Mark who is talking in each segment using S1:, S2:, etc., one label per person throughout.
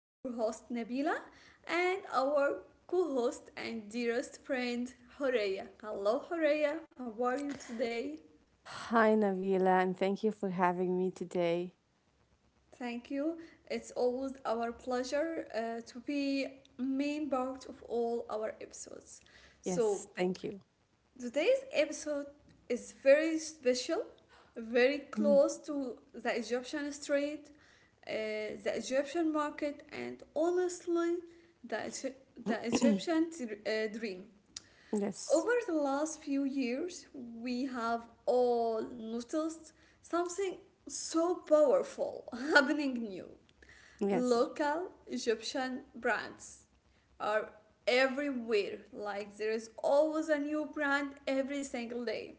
S1: your host Nabila, and our co host and dearest friend Horea. Hello, Horea, how are you today?
S2: Hi, Navila, and thank you for having me today.
S1: Thank you. It's always our pleasure to be main part of all our episodes. So
S2: Yes, thank you.
S1: today's episode is very special, very close
S2: Mhm.
S1: to the Egyptian street, uh, the Egyptian market, and honestly, the, the Egyptian dream. Over
S2: Yes,
S1: the last few years, we have all noticed something so powerful happening new.
S2: yes,
S1: Local Egyptian brands are everywhere. Like there is always a new brand every single day.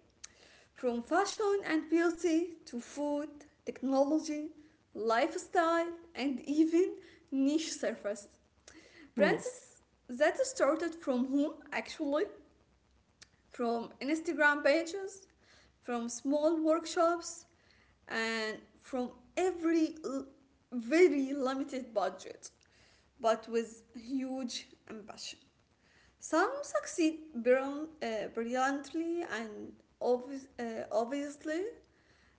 S1: From fashion and beauty to food, technology, lifestyle, and even niche services.
S2: yes,
S1: Brands that started from whom actually? From Instagram pages, from small workshops, and from every very limited budget, but with huge ambition. Some succeed brilliantly and obviously,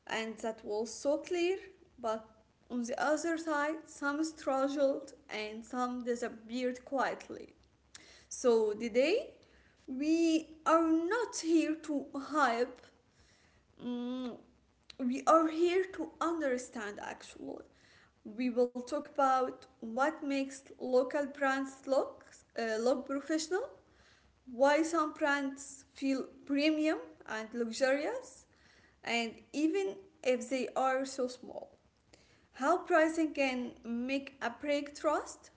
S1: and that was so clear, but on the other side, some struggled and some disappeared quietly. So today we are not here to hype. mm, we are here to understand actually. We will talk about what makes local brands look look professional, why some brands feel premium and luxurious, and even if they are so small how pricing can make a break trust,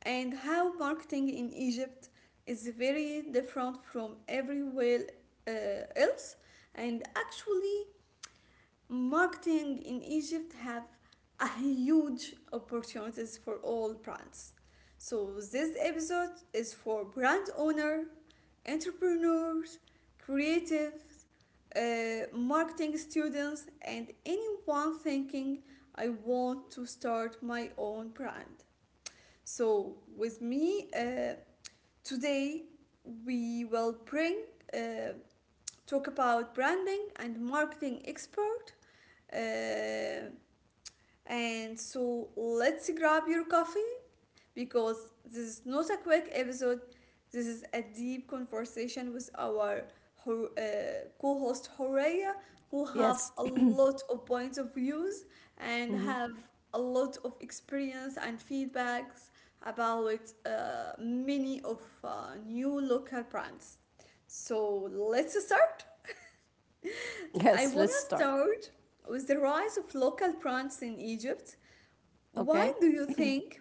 S1: and how marketing in Egypt is very different from everywhere uh, else. And actually, marketing in Egypt have a huge opportunities for all brands. So this episode is for brand owner, entrepreneurs, creatives, marketing students, and anyone thinking I want to start my own brand. So with me today, we will bring uh, talk about branding and marketing expert uh, and so let's grab your coffee because this is not a quick episode. This is a deep conversation with our co-host Horea, who have
S2: yes,
S1: a lot of points of views and
S2: Mhm.
S1: have a lot of experience and feedbacks about many of new local brands. So let's start.
S2: Yes. Let's
S1: I
S2: start.
S1: want to start with the rise of local brands in Egypt.
S2: Okay,
S1: Why do you think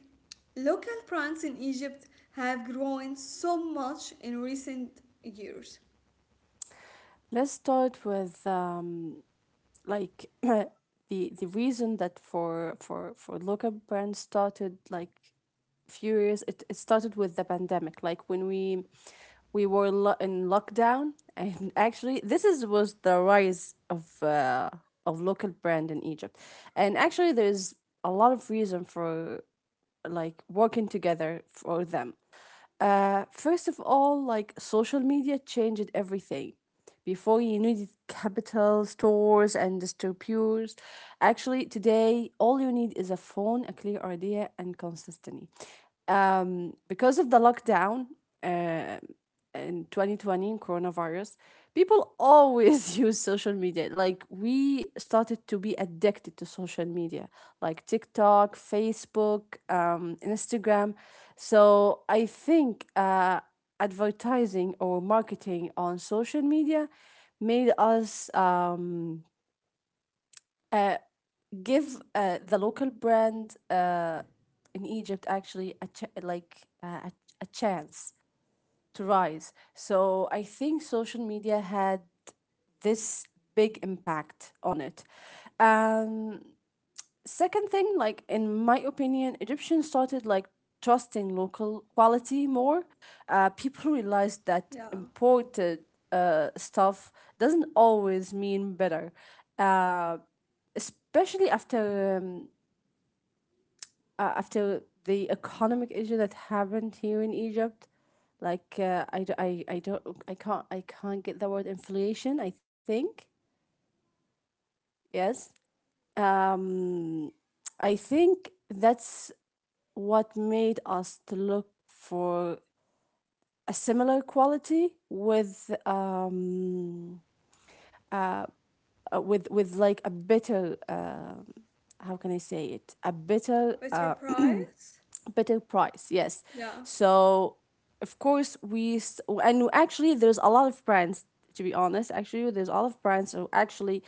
S1: local brands in Egypt have grown so much in recent years?
S2: let's start with like the the reason that for local brands started, like, few years, it started with the pandemic, like when we were in lockdown, and actually this is was the rise of local brand in Egypt, and actually there's a lot of reason for, like, working together for them. First of all, like, social media changed everything. Before you needed capital, stores, and distributors. Actually, today all you need is a phone, a clear idea, and consistency. Because of the lockdown, uh, in 2020, in coronavirus, people always use social media. Like, we started to be addicted to social media, like TikTok, Facebook, Instagram. So I think advertising or marketing on social media made us uh, give, the local brand, in Egypt, actually like, a chance to rise. So I think social media had this big impact on it. Um, Second thing, like, in my opinion, Egyptians started, like, trusting local quality more. People realized that
S1: Yeah,
S2: imported stuff doesn't always mean better. Uh, Especially after after the economic issue that happened here in Egypt, like, I don't, I can't get the word inflation, I think. Yes. Um, I think that's what made us to look for a similar quality with uh, with, like, a better how can I say it — a
S1: a
S2: better
S1: better price?
S2: better price. Yes.
S1: Yeah,
S2: So of course and actually there's a lot of brands, to be honest, actually there's a lot of brands are actually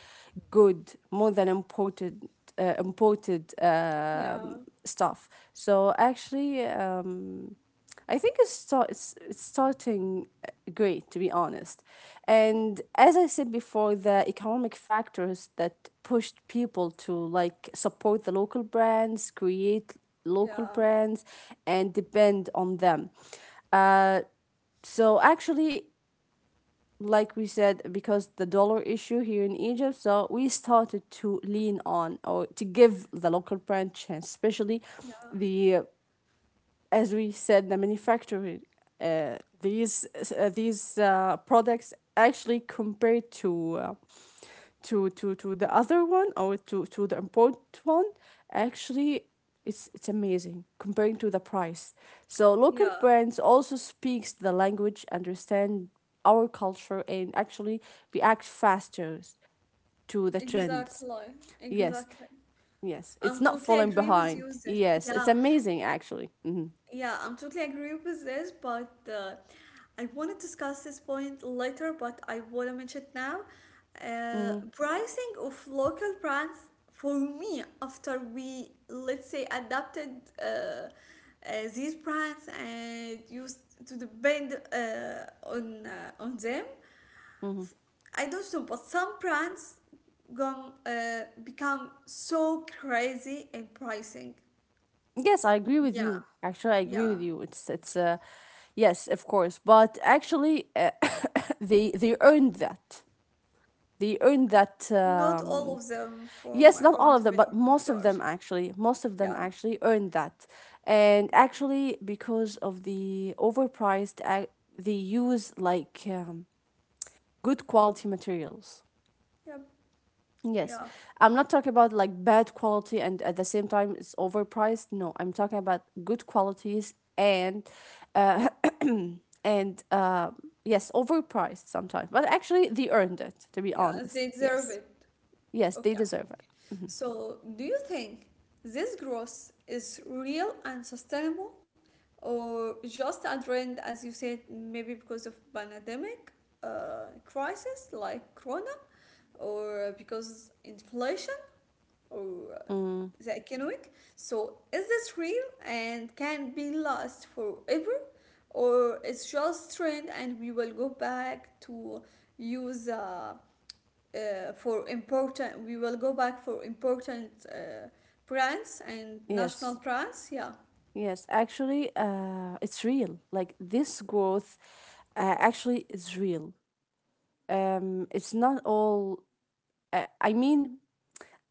S2: good, more than imported imported
S1: yeah,
S2: stuff. So actually, I think it's starting great, to be honest.
S1: y-
S2: And as I said before, the economic factors that pushed people to, like, support the local brands, create
S1: yeah,
S2: local brands, and depend on them. Uh, so actually, like we said, because the dollar issue here in Egypt, so we started to lean on or to give the local brand chance, especially
S1: yeah,
S2: the, as we said, the manufacturer, these, these products, actually, compared to to the other one, or to the important one, actually it's amazing comparing to the price. So local
S1: yeah,
S2: brands also speaks the language, understand our culture, and actually react faster to the trends.
S1: exactly,
S2: Yes,
S1: exactly.
S2: yes, it's
S1: I'm
S2: not
S1: totally
S2: falling
S1: agree with
S2: behind.
S1: you that,
S2: Yes, it's
S1: yeah.
S2: amazing, actually. Hmm.
S1: Yeah, I'm totally agree with this, but I want to discuss this point later, but I want to mention it now.
S2: Hmm.
S1: Pricing of local brands for me, after we, let's say, adapted uh, uh, these brands and used to depend on them, I don't know, but some brands gone, become so crazy in pricing.
S2: Yes, I agree with you.
S1: Yeah,
S2: Actually, I agree with
S1: yeah.
S2: you. It's. Yes, of course, but actually, they earned that. They earned that.
S1: Not all of them, from
S2: Yes,
S1: my
S2: not all
S1: point
S2: of
S1: of
S2: them,
S1: view,
S2: but
S1: of
S2: most of them,
S1: course.
S2: actually, most of them
S1: Yeah,
S2: actually earned that. And actually, because of the overpriced they use, like, good quality materials.
S1: yeah,
S2: Yes,
S1: yeah,
S2: I'm not talking about like bad quality and at the same time it's overpriced. No, I'm talking about good qualities and uh, and yes, overpriced sometimes. But actually, they earned it. To be
S1: yeah.
S2: honest,
S1: They
S2: yes.
S1: deserve it.
S2: Yes, they
S1: Okay.
S2: deserve it.
S1: So, do you think this growth is real and sustainable, or just a trend, as you said, maybe because of pandemic crisis like Corona, or because inflation, or
S2: Mm,
S1: the economic. So is this real and can be last forever, or it's just trend and we will go back to use for important. We will go back for important brands and national
S2: yes,
S1: brands. Yeah,
S2: yes. Actually, it's real. Like, this growth, actually, is real. It's not all. I mean,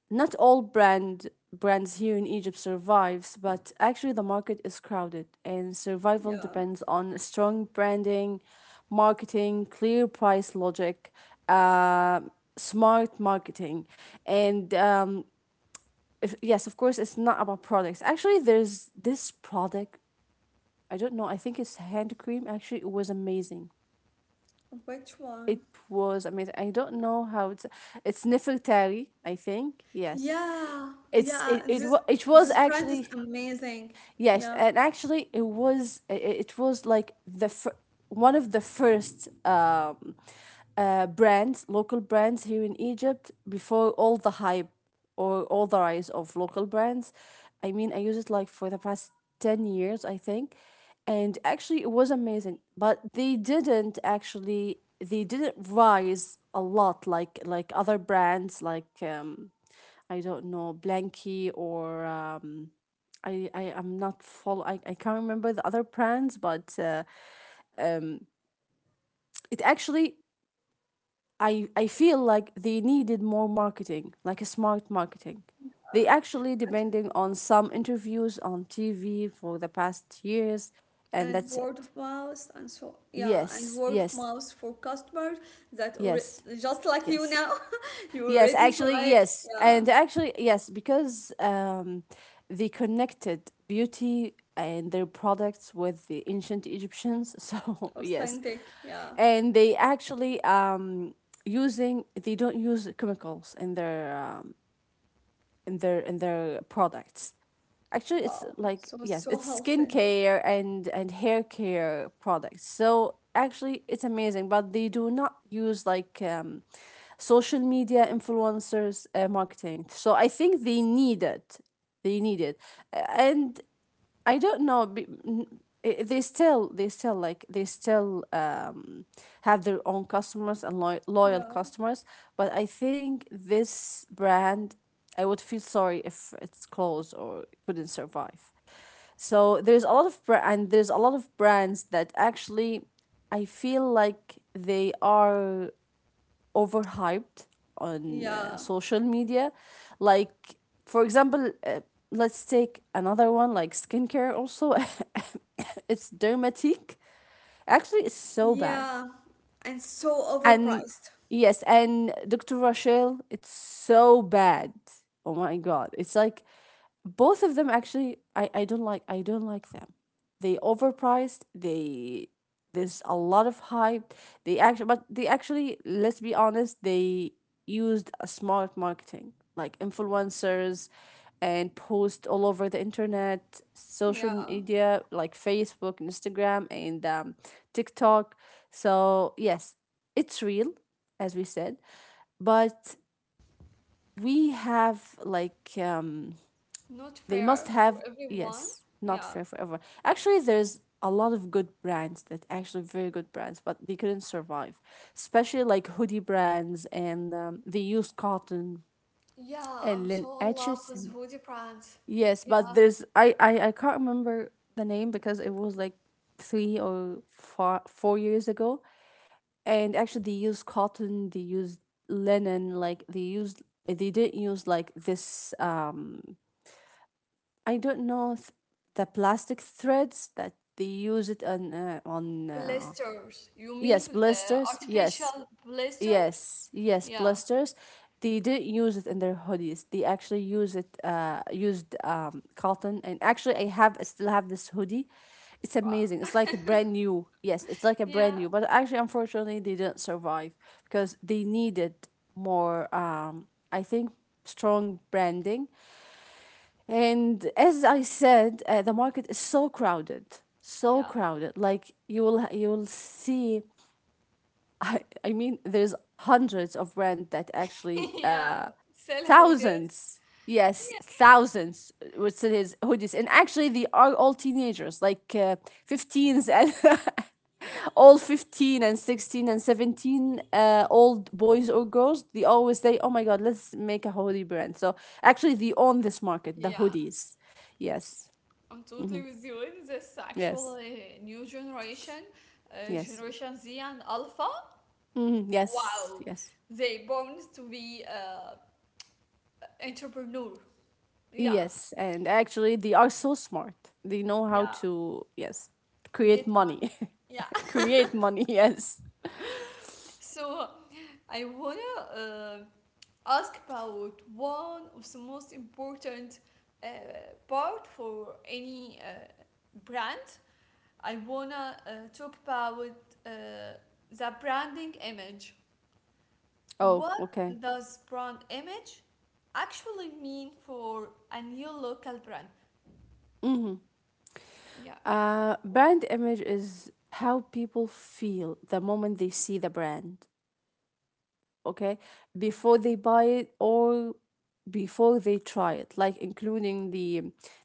S2: not all brand brands here in Egypt survives, but actually the market is crowded and survival
S1: yeah.
S2: depends on strong branding, marketing, clear price logic, uh, smart marketing, and if, yes, of course, it's not about products. Actually, there's this product. I don't know. I think it's hand cream. Actually, it was amazing.
S1: Which
S2: It
S1: one?
S2: was amazing. I don't know how it's. It's Nefertari, I think. Yes,
S1: Yeah,
S2: it's
S1: yeah.
S2: it it, wa- it
S1: This
S2: was,
S1: brand is
S2: actually.
S1: amazing.
S2: Yes,
S1: Yeah.
S2: and actually, it was like one of the first brands, local brands here in Egypt, before all the hype or all the rise of local brands. I mean, I use it like for the past 10 years, I think, and actually, it was amazing. But they didn't, actually they didn't rise a lot, like other brands, like, I don't know, Blanky or — I am not full. I can't remember the other brands, but it actually — I feel like they needed more marketing, like a smart marketing. They actually depending on some interviews on TV for the past years,
S1: And
S2: and that's
S1: word of
S2: it.
S1: mouth and so yeah and
S2: Yes,
S1: word of
S2: yes,
S1: mouth for customers that
S2: yes,
S1: just like you
S2: yes,
S1: now. You
S2: yes.
S1: already
S2: Actually,
S1: try.
S2: yes,
S1: Yeah,
S2: and actually, yes, because they connected beauty and their products with the ancient Egyptians. So yes,
S1: authentic, yeah.
S2: and they actually using they don't use chemicals in their in their products. Actually,
S1: Wow,
S2: it's
S1: so
S2: like,
S1: so
S2: yes, it's
S1: healthy,
S2: skincare and hair care products, so actually it's amazing, but they do not use, like, social media influencers marketing, so I think they need it, they need it. And I don't know. They still, they still have their own customers and lo loyal
S1: yeah,
S2: customers. But I think this brand, I would feel sorry if it's closed or couldn't survive. So there's a lot of bra- and there's a lot of brands that, actually, I feel like they are overhyped on
S1: yeah,
S2: social media. Like, for example, let's take another one, like skincare also. It's Dermatique. Actually, it's so bad.
S1: yeah, and so
S2: And
S1: overpriced,
S2: yes, and Dr. Rochelle, it's so bad. Oh my God. It's like both of them, actually I don't like, I don't like them. They overpriced, they there's a lot of hype. They actually, let's be honest, they used a smart marketing, like influencers and post all over the internet, social
S1: yeah,
S2: media, like Facebook, Instagram and TikTok. So yes, it's real, as we said, but we have like
S1: not
S2: they
S1: fair
S2: must
S1: for
S2: have,
S1: everyone,
S2: yes, not
S1: yeah,
S2: fair forever. Actually, there's a lot of good brands that actually very good brands, but they couldn't survive, especially like hoodie brands, and they use cotton
S1: yeah.
S2: and
S1: I'm
S2: then
S1: so in love
S2: etches
S1: with
S2: and-.
S1: hoodie brands,
S2: Yes, but
S1: yeah,
S2: there's, I can't remember the name because it was like three or four, 4 years ago, and actually they used cotton, they used linen, like they didn't use like this I don't know the plastic threads that they use it on
S1: blisters you mean
S2: yes, blisters, yes,
S1: artificial blisters,
S2: yes, yes,
S1: yeah.
S2: blisters. They didn't use it in their hoodies. They actually use it, used, cotton, and actually I still have this hoodie. It's
S1: Wow.
S2: amazing. It's like a brand new. Yes, it's like a brand
S1: Yeah.
S2: new. But actually, unfortunately, they didn't survive because they needed more. I think strong branding, and as I said, the market is so crowded, so
S1: Yeah.
S2: crowded. Like, you will see. I mean, there's hundreds of brands that actually
S1: Yeah, still how.
S2: thousands, yes, thousands, would sell his hoodies, and actually they are all teenagers, like, 15's, and all 15 and 16 and 17 old boys or girls. They always say, oh my God, let's make a hoodie brand. So actually they own this market, the
S1: Yeah,
S2: hoodies. Yes.
S1: I'm totally with you in this actual
S2: Yes,
S1: new generation,
S2: yes.
S1: Generation Z and Alpha.
S2: Mhm. Yes,
S1: Wow,
S2: yes.
S1: they born to be entrepreneur. Yeah,
S2: Yes, and actually they are so smart. They know how
S1: yeah,
S2: to, yes, create
S1: get money.
S2: money.
S1: Yeah,
S2: Create money, yes.
S1: so I wanna uh, ask about one of the most important uh, part for any brand. I wanna talk about uh, the branding image.
S2: Oh,
S1: What
S2: okay.
S1: does brand image actually mean for a new local brand?
S2: Mm-hmm.
S1: Yeah,
S2: Brand image is how people feel the moment they see the brand. Okay. Before they buy it, or before they try it, like, including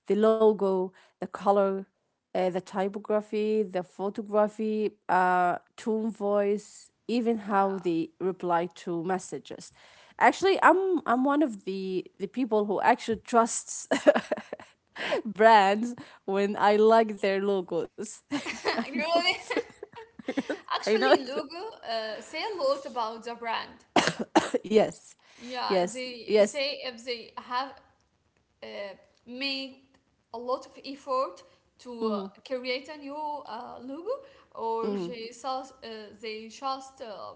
S2: the logo, the color, the typography, the photography, tone, voice, even how they reply to messages. Actually, I'm one of the people who actually trusts brands when I like their logos. I know
S1: really.
S2: it's — I know
S1: Actually,
S2: it's —
S1: logo say a lot about the brand.
S2: yes,
S1: Yeah,
S2: yes,
S1: they
S2: yes.
S1: say if they have uh, made a lot of effort to
S2: Mm.
S1: create a new logo or
S2: Mhm,
S1: uh, they just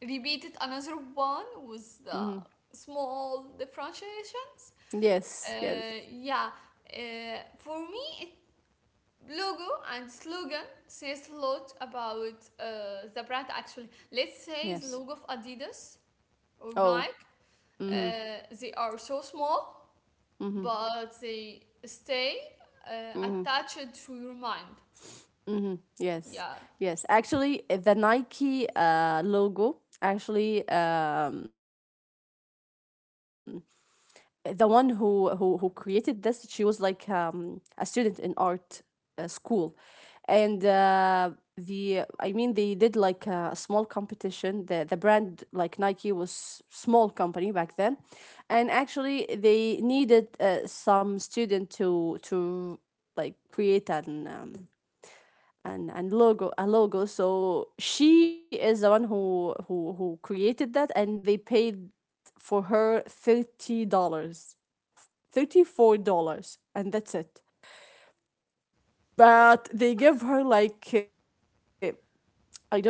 S1: repeated another one with the
S2: mhm.
S1: small differentiations.
S2: Yes,
S1: Uh,
S2: yes,
S1: yeah, uh, for me, it, logo and slogan says a lot about the brand actually. Let's say the
S2: yes.
S1: logo of Adidas or
S2: Oh,
S1: Nike, uh, they are so small
S2: mhm,
S1: but they stay
S2: mhm,
S1: attached to your mind.
S2: mhm. Yes,
S1: Yeah.
S2: yes. Actually, the Nike logo, actually, the one who created this, she was like, a student in art school, and the, I mean, they did like a small competition. The brand, like Nike, was small company back then, and actually they needed, some student to, like, create an and logo, a logo. So she is the one who created that, and they paid for her $30, $34, and that's it.
S1: Oh,
S2: But they give her, like, I don't know,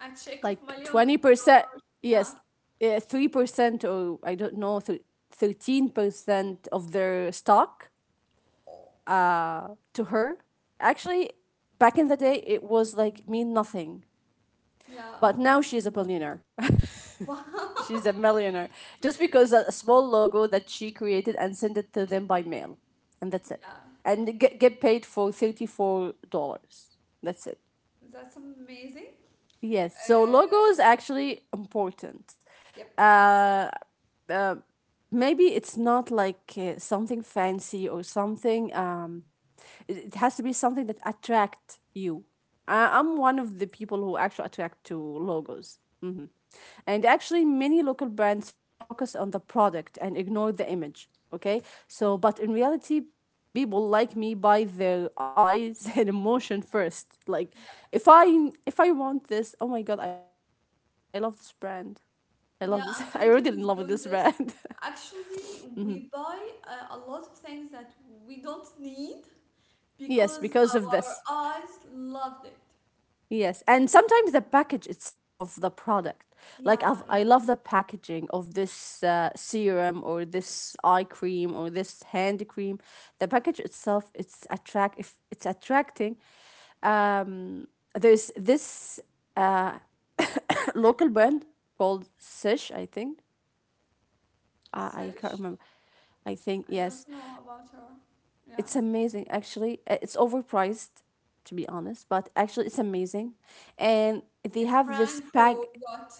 S1: a check of million
S2: 20%.
S1: dollars.
S2: Yes.
S1: Yeah.
S2: 3%, or I don't know, 13% of their stock,
S1: Oh,
S2: to her. Actually, back in the day, it was like mean nothing,
S1: yeah.
S2: but now she's a billionaire.
S1: Wow.
S2: She's a millionaire. Just because a small logo that she created and sent it to them by mail. And that's it.
S1: Yeah.
S2: And get paid for $34. That's it.
S1: That's amazing.
S2: Yes. So
S1: Uh,
S2: logo is actually important.
S1: yep.
S2: Uh, Maybe it's not like something fancy or something. It has to be something that attract you. I'm one of the people who actually attract to logos. And actually many local brands focus on the product and ignore the image. Okay, but in reality people like me buy their eyes and emotion first, like
S1: Yep.
S2: if I want this, oh my god, I love this brand, I love this I already in
S1: Yeah,
S2: love
S1: I'm
S2: with this
S1: totally with you
S2: brand
S1: on this. Actually, we buy a lot of things that we don't need
S2: Yes,
S1: because
S2: because of this.
S1: our eyes loved it.
S2: Yes, and sometimes the package itself of the product. Like
S1: Yeah, yeah.
S2: I love the packaging of this serum or this eye cream or this hand cream. The package itself, it's attract if it's attracting. Um, there's this uh, local brand called Sish, I think. I can't
S1: Sesh,
S2: remember. I think
S1: I don't
S2: yes.
S1: know about her. Yeah.
S2: It's amazing, actually. It's overpriced, to be honest, but actually, it's amazing. And they
S1: It's
S2: have this
S1: prank for
S2: pack,
S1: what?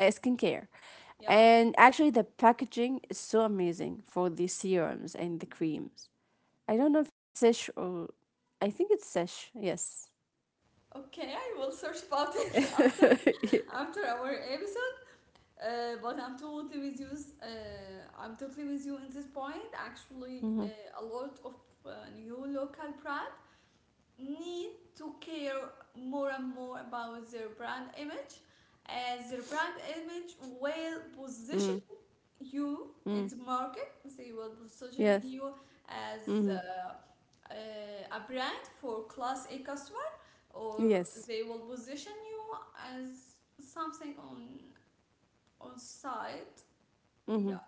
S2: skincare.
S1: Yeah.
S2: And actually, the packaging is so amazing for the serums and the creams. I don't know if it's Sesh or. I think it's Sesh, yes.
S1: Okay, I will search about it after
S2: Yeah.
S1: after our episode. But I'm totally with you. I'm totally with you in this point. Actually,
S2: Mm-hmm.
S1: a lot of uh, new local brand need to care more and more about their brand image, as their brand image will
S2: Mm,
S1: position you
S2: mm,
S1: in the market. They will
S2: yes.
S1: positioning you
S2: Mm-hmm.
S1: as a brand for class a customer, or
S2: Yes.
S1: they will position you as something on site,
S2: Mm-hmm.
S1: yeah.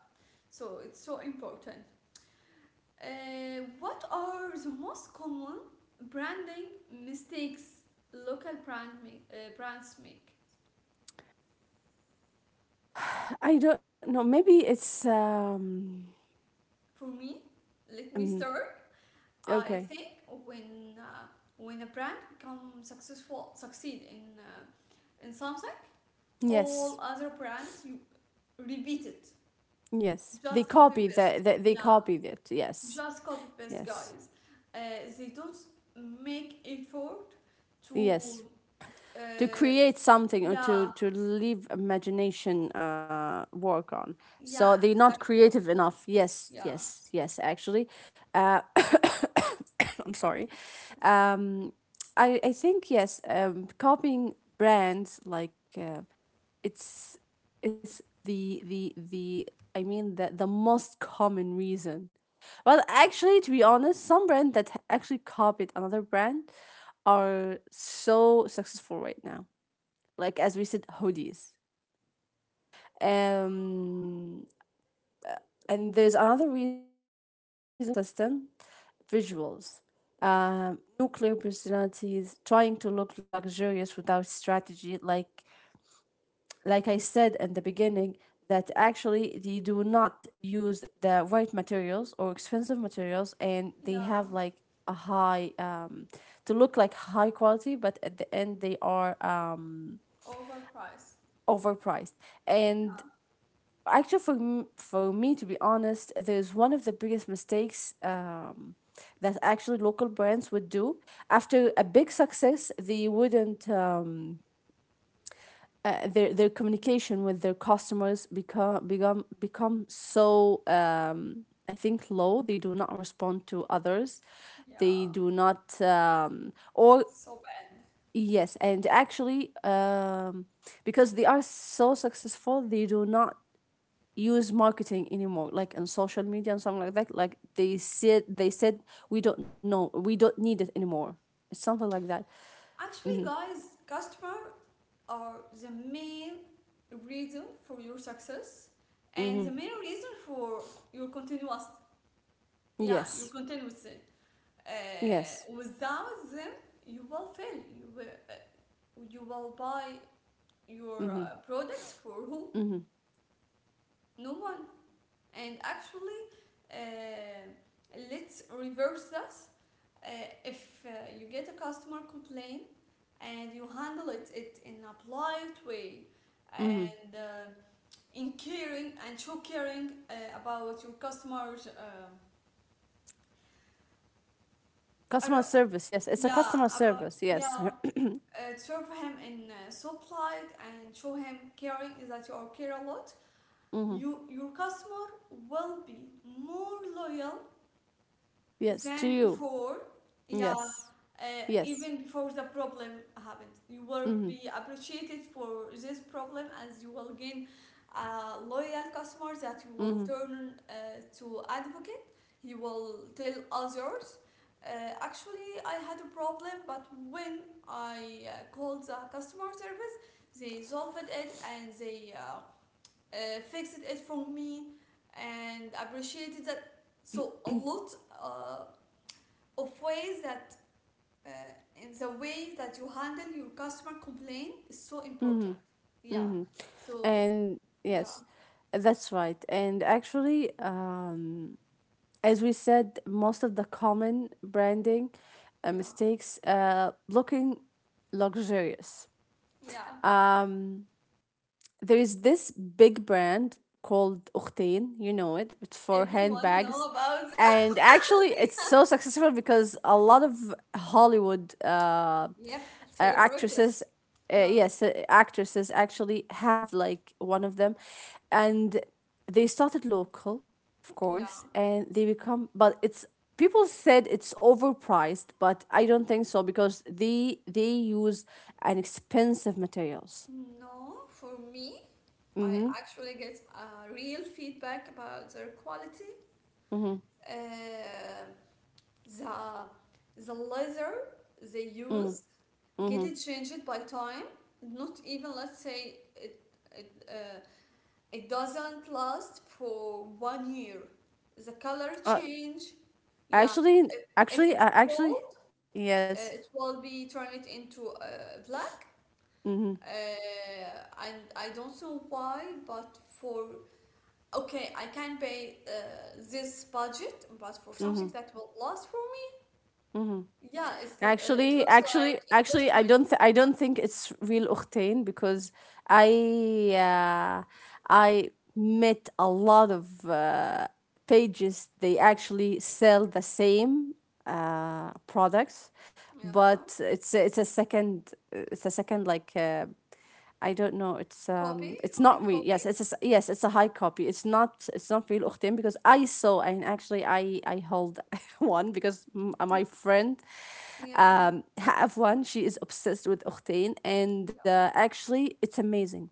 S1: So it's so important. What are the most common branding mistakes local brands make?
S2: I don't know. Maybe it's.
S1: For me, let me
S2: Mhm.
S1: start. I
S2: Okay.
S1: think when uh, when a brand becomes successful, succeed in something, all
S2: Yes.
S1: other brands you repeat it,
S2: Yes, they
S1: just copy
S2: copy that.
S1: paste.
S2: They
S1: Yeah,
S2: copied it. Yes,
S1: just copy paste,
S2: yes,
S1: guys. They don't make effort
S2: yes.
S1: to.
S2: To
S1: Uh,
S2: create something or to
S1: yeah,
S2: to leave imagination work on.
S1: yeah,
S2: So they're not
S1: exactly.
S2: creative enough. Yes,
S1: Yeah,
S2: yes, yes. Actually, uh, I'm sorry.
S1: it's okay.
S2: Um, I think yes. Copying brands like, uh, it's it's the I mean the most common reason. Well, actually, to be honest, some brand that actually copied another brand are so successful right now. Like as we said, hoodies. Um, and there's another reason, actually, inconsistent visuals. Nuclear personalities trying to look luxurious without strategy, like I said in the beginning, that actually they do not use the right materials or expensive materials, and they
S1: Yeah,
S2: have like a high to look like high quality, but at the end they are
S1: overpriced.
S2: overpriced. And actually, for for me to be honest, there's one of the biggest mistakes that actually local brands would do. After a big success they wouldn't, their communication with their customers become so I think low. They do not respond to others. They
S1: Yeah,
S2: do not or
S1: so
S2: yes, and actually because they are so successful, they do not use marketing anymore, like in social media and something like that, like they said we don't know, we don't need it anymore, it's something like that.
S1: actually,
S2: Mm-hmm.
S1: guys, customer are the main reason for your success and the
S2: Mm-hmm.
S1: main reason for your continuous, yeah, your
S2: Yes,
S1: continuous.
S2: yes.
S1: Without them, you will fail. You will buy your
S2: Mm-hmm.
S1: products for who?
S2: Mm-hmm.
S1: No one. And actually, let's reverse this. Uh, if you get a customer complaint and you handle it in a polite way
S2: Mm-hmm.
S1: and in caring and show caring about your customers,
S2: Customer
S1: about-
S2: service, yes. It's a
S1: yeah,
S2: customer
S1: about,
S2: service, yes.
S1: yeah, serve him in so polite and show him caring is that you are care a lot.
S2: Hmm.
S1: You your customer will be more loyal
S2: Yes,
S1: then
S2: to you.
S1: before, yeah,
S2: Yes. Yes.
S1: even before the problem happened, you will
S2: Hmm.
S1: be appreciated for this problem as you will gain a loyal customer that you will
S2: Hmm.
S1: turn to advocate. He will tell others. Uh, Actually, I had a problem, but when I called the customer service, they solved it and they fixed it for me and appreciated that so a lot uh, of ways that uh, in the way that you handle your customer complaint is so important.
S2: Hmm.
S1: Yeah.
S2: Hmm.
S1: So
S2: And
S1: yeah,
S2: yes, that's right. And actually, as we said, most of the common branding
S1: yeah,
S2: mistakes, looking luxurious.
S1: yeah.
S2: Um, there is this big brand called Uchtain, you know it, it's for
S1: Everyone
S2: handbags.
S1: know about.
S2: And actually, it's so successful because a lot of Hollywood uh,
S1: Yep,
S2: actresses,
S1: celebrities. Yeah,
S2: yes, actresses actually have like one of them. And they started local, of
S1: yeah.
S2: course, and they become, but it's, people said it's overpriced, but I don't think so because they use an expensive materials.
S1: No, for me, I actually get real feedback about their quality, uh, the leather they use, get it changed by time. Not even let's say it, it uh, it doesn't last for 1 year. The color
S2: Uh,
S1: change. Yeah,
S2: Actually,
S1: if, if it's
S2: actually,
S1: cold,
S2: yes.
S1: it will be turn it into black.
S2: Mm-hmm.
S1: And I don't know why, but for okay, I can pay this budget, but for
S2: Mm-hmm.
S1: something that will last for
S2: Mm-hmm.
S1: me, yeah, it looks like
S2: Actually,
S1: investment.
S2: I don't think it's real Octane because I, uh, I met a lot of pages. They actually sell the same products,
S1: Yeah,
S2: but it's a second like. I don't know.
S1: copy.
S2: It's not
S1: Hi,
S2: real. Yes,
S1: copy.
S2: yes, it's a high copy. It's not real Uchtim because I saw, and actually I hold one because my
S1: Y-
S2: friend
S1: yeah,
S2: have one. She is obsessed with Octane, and
S1: yeah.
S2: actually, it's amazing.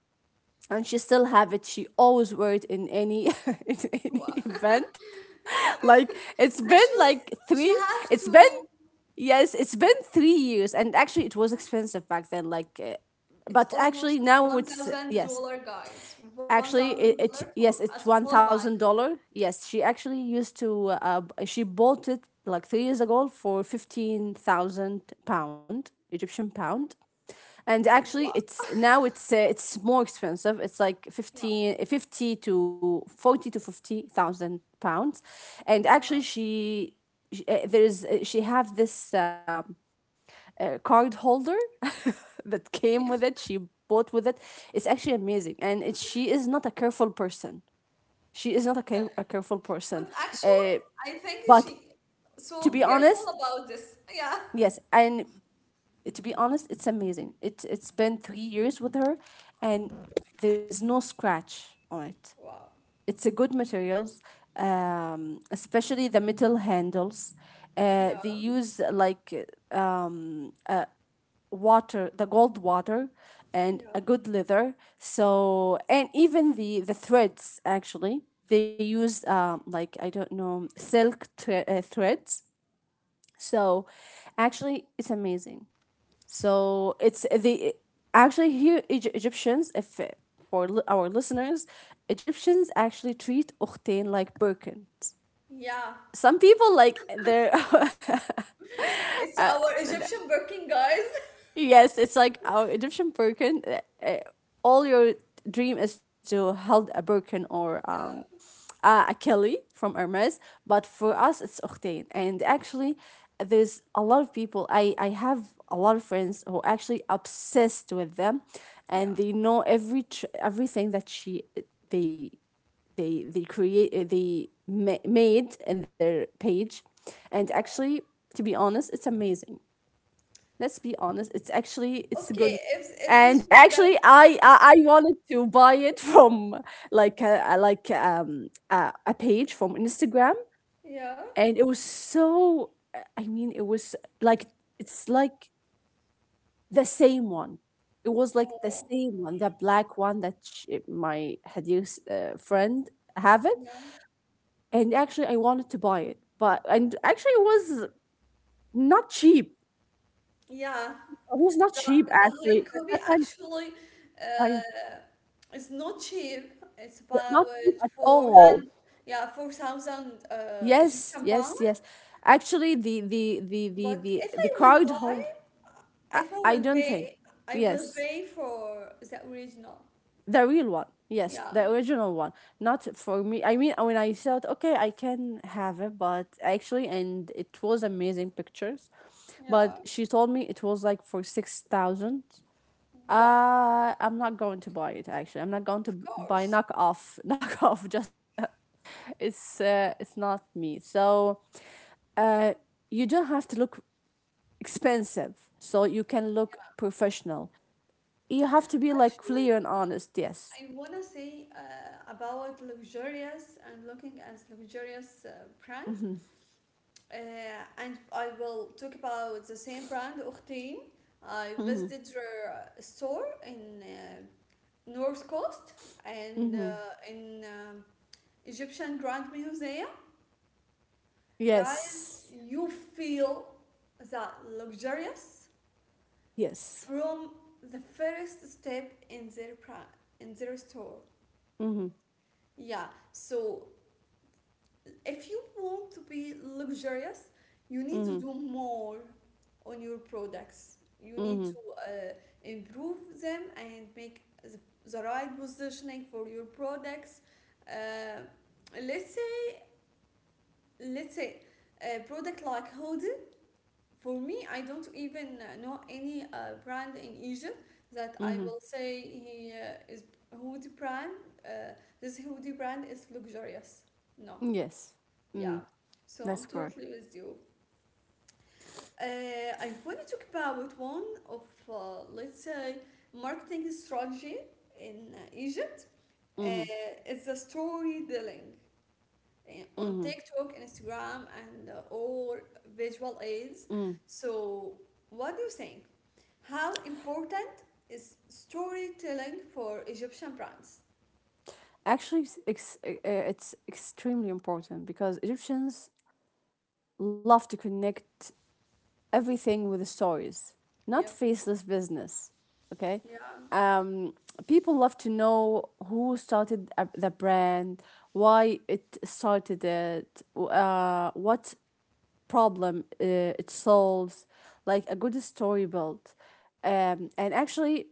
S2: And she still have it. She always wear it in any in any
S1: Wow.
S2: event. Like
S1: Yeah.
S2: it's been like
S1: Actually,
S2: three.
S1: she have
S2: It's been,
S1: to.
S2: yes, it's been 3 years, and actually, it was
S1: Yeah.
S2: expensive back then. Like,
S1: It's
S2: but actually
S1: almost
S2: now
S1: one
S2: it's
S1: thousand
S2: yes.
S1: dollar, guys. One
S2: Actually,
S1: thousand dollar
S2: it
S1: for
S2: yes,
S1: a
S2: it's one
S1: small bag.
S2: thousand dollar. Yes, she actually used to she bought it like 3 years ago for 15,000 pound Egyptian pound, and
S1: Wow.
S2: actually, it's now it's more expensive. It's like
S1: Yeah.
S2: 15, 50 to 40 to 50 thousand pounds, and
S1: Yeah.
S2: actually, she have this. Card holder that came with it,
S1: Yeah.
S2: she bought with it. It's actually amazing, and she is not a careful person, she is not
S1: Okay.
S2: a careful person.
S1: But actually,
S2: uh,
S1: I think
S2: but
S1: she
S2: to
S1: so
S2: be
S1: careful
S2: honest,
S1: about this. Yeah.
S2: yes, and to be honest, it's amazing. It, it's been 3 years with her, and there's no scratch on it.
S1: Wow.
S2: It's a good materials, especially the metal handles.
S1: Yeah.
S2: Uh, they use like uh, water, the gold water, and
S1: Yeah.
S2: a good leather. So, and even the threads actually they used like I don't know, silk threads. So actually, it's amazing. So it's the actually here Egyptians, if our listeners, Egyptians actually treat Ukhtain like Birkins.
S1: Yeah.
S2: Some people like their.
S1: It's our Egyptian Birkin, guys.
S2: Yes, it's like our Egyptian broken. All your dream is to hold a broken or
S1: Yeah.
S2: a Kelly from Hermes, but for us it's Octane. And actually, there's a lot of people. I have a lot of friends who are actually obsessed with them,
S1: Yeah.
S2: and they know everything that she they they create they made in their page, and
S1: Yeah.
S2: actually, to be honest, it's amazing. Let's be honest, it's actually, it's a
S1: Okay.
S2: good one.
S1: If
S2: And
S1: these feedback.
S2: actually
S1: Yeah.
S2: I wanted to buy it from like a page from Instagram,
S1: Yeah.
S2: and it was so I mean it was like it's like the same one. It was like the
S1: Oh.
S2: same one, the black one that sh my hadith friend have it.
S1: Yeah.
S2: And actually I wanted to buy it, but and actually it was not cheap.
S1: Yeah.
S2: It was not cheap,
S1: The high
S2: actually, the
S1: copy
S2: second.
S1: actually uh, is not cheap. It's about
S2: Not cheap at
S1: four
S2: all.
S1: hundred, yeah, 4,000
S2: Yes,
S1: Egyptian pound.
S2: yes, yes. Actually, the the the the
S1: But
S2: the
S1: if
S2: the
S1: I will
S2: card
S1: buy,
S2: hold. I,
S1: if I
S2: I
S1: will
S2: don't think.
S1: pay, I will
S2: Yes,
S1: pay for the original.
S2: the real one. Yes,
S1: Yeah,
S2: the original one. Not for me. I mean, when I thought, okay, I can have it, but actually, and it was amazing pictures.
S1: yeah.
S2: But she told me it was like for 6,000.
S1: Wow,
S2: I'm not going to buy it. Actually, I'm not going
S1: of
S2: to buy
S1: course.
S2: knockoff. Knockoff. Just it's not me. So. Uh, you don't have to look expensive, so you can look professional. You have to be like
S1: Actually,
S2: clear and honest. Yes.
S1: I wanna say about luxurious and looking as luxurious brand.
S2: Hmm.
S1: Uh, and I will talk about the same brand, Octane. I
S2: Hmm.
S1: visited their store in North Coast and
S2: Hmm.
S1: in Egyptian Grand Museum. Guys,
S2: Yes.
S1: you feel that luxurious
S2: Yes.
S1: from the first step in their brand, in their store.
S2: Hmm.
S1: Yeah, so if you want to be luxurious, you need to
S2: Hmm.
S1: do more on your products. You need
S2: Hmm.
S1: to improve them and make the right positioning for your products. Uh, let's say, let's say, a product like hoodie. For me, I don't even know any brand in Egypt that I
S2: Hmm.
S1: will say he is hoodie brand. Uh, this hoodie brand is luxurious. No.
S2: Yes.
S1: Yeah,
S2: Hmm.
S1: so I'm
S2: That's correct.
S1: totally with you. Uh, I want to talk about one of, let's say, marketing strategy in Egypt. Uh,
S2: Hmm.
S1: it's the storytelling on
S2: Hmm.
S1: TikTok, Instagram, and all visual aids.
S2: Mm.
S1: So, what do you think? How important is storytelling for Egyptian brands?
S2: Actually, it's, it's extremely important because Egyptians love to connect everything with stories,
S1: Yep.
S2: not faceless business. Okay.
S1: Yeah.
S2: Um, people love to know who started the brand, why it started it, what problem it solves, like a good story built. And actually,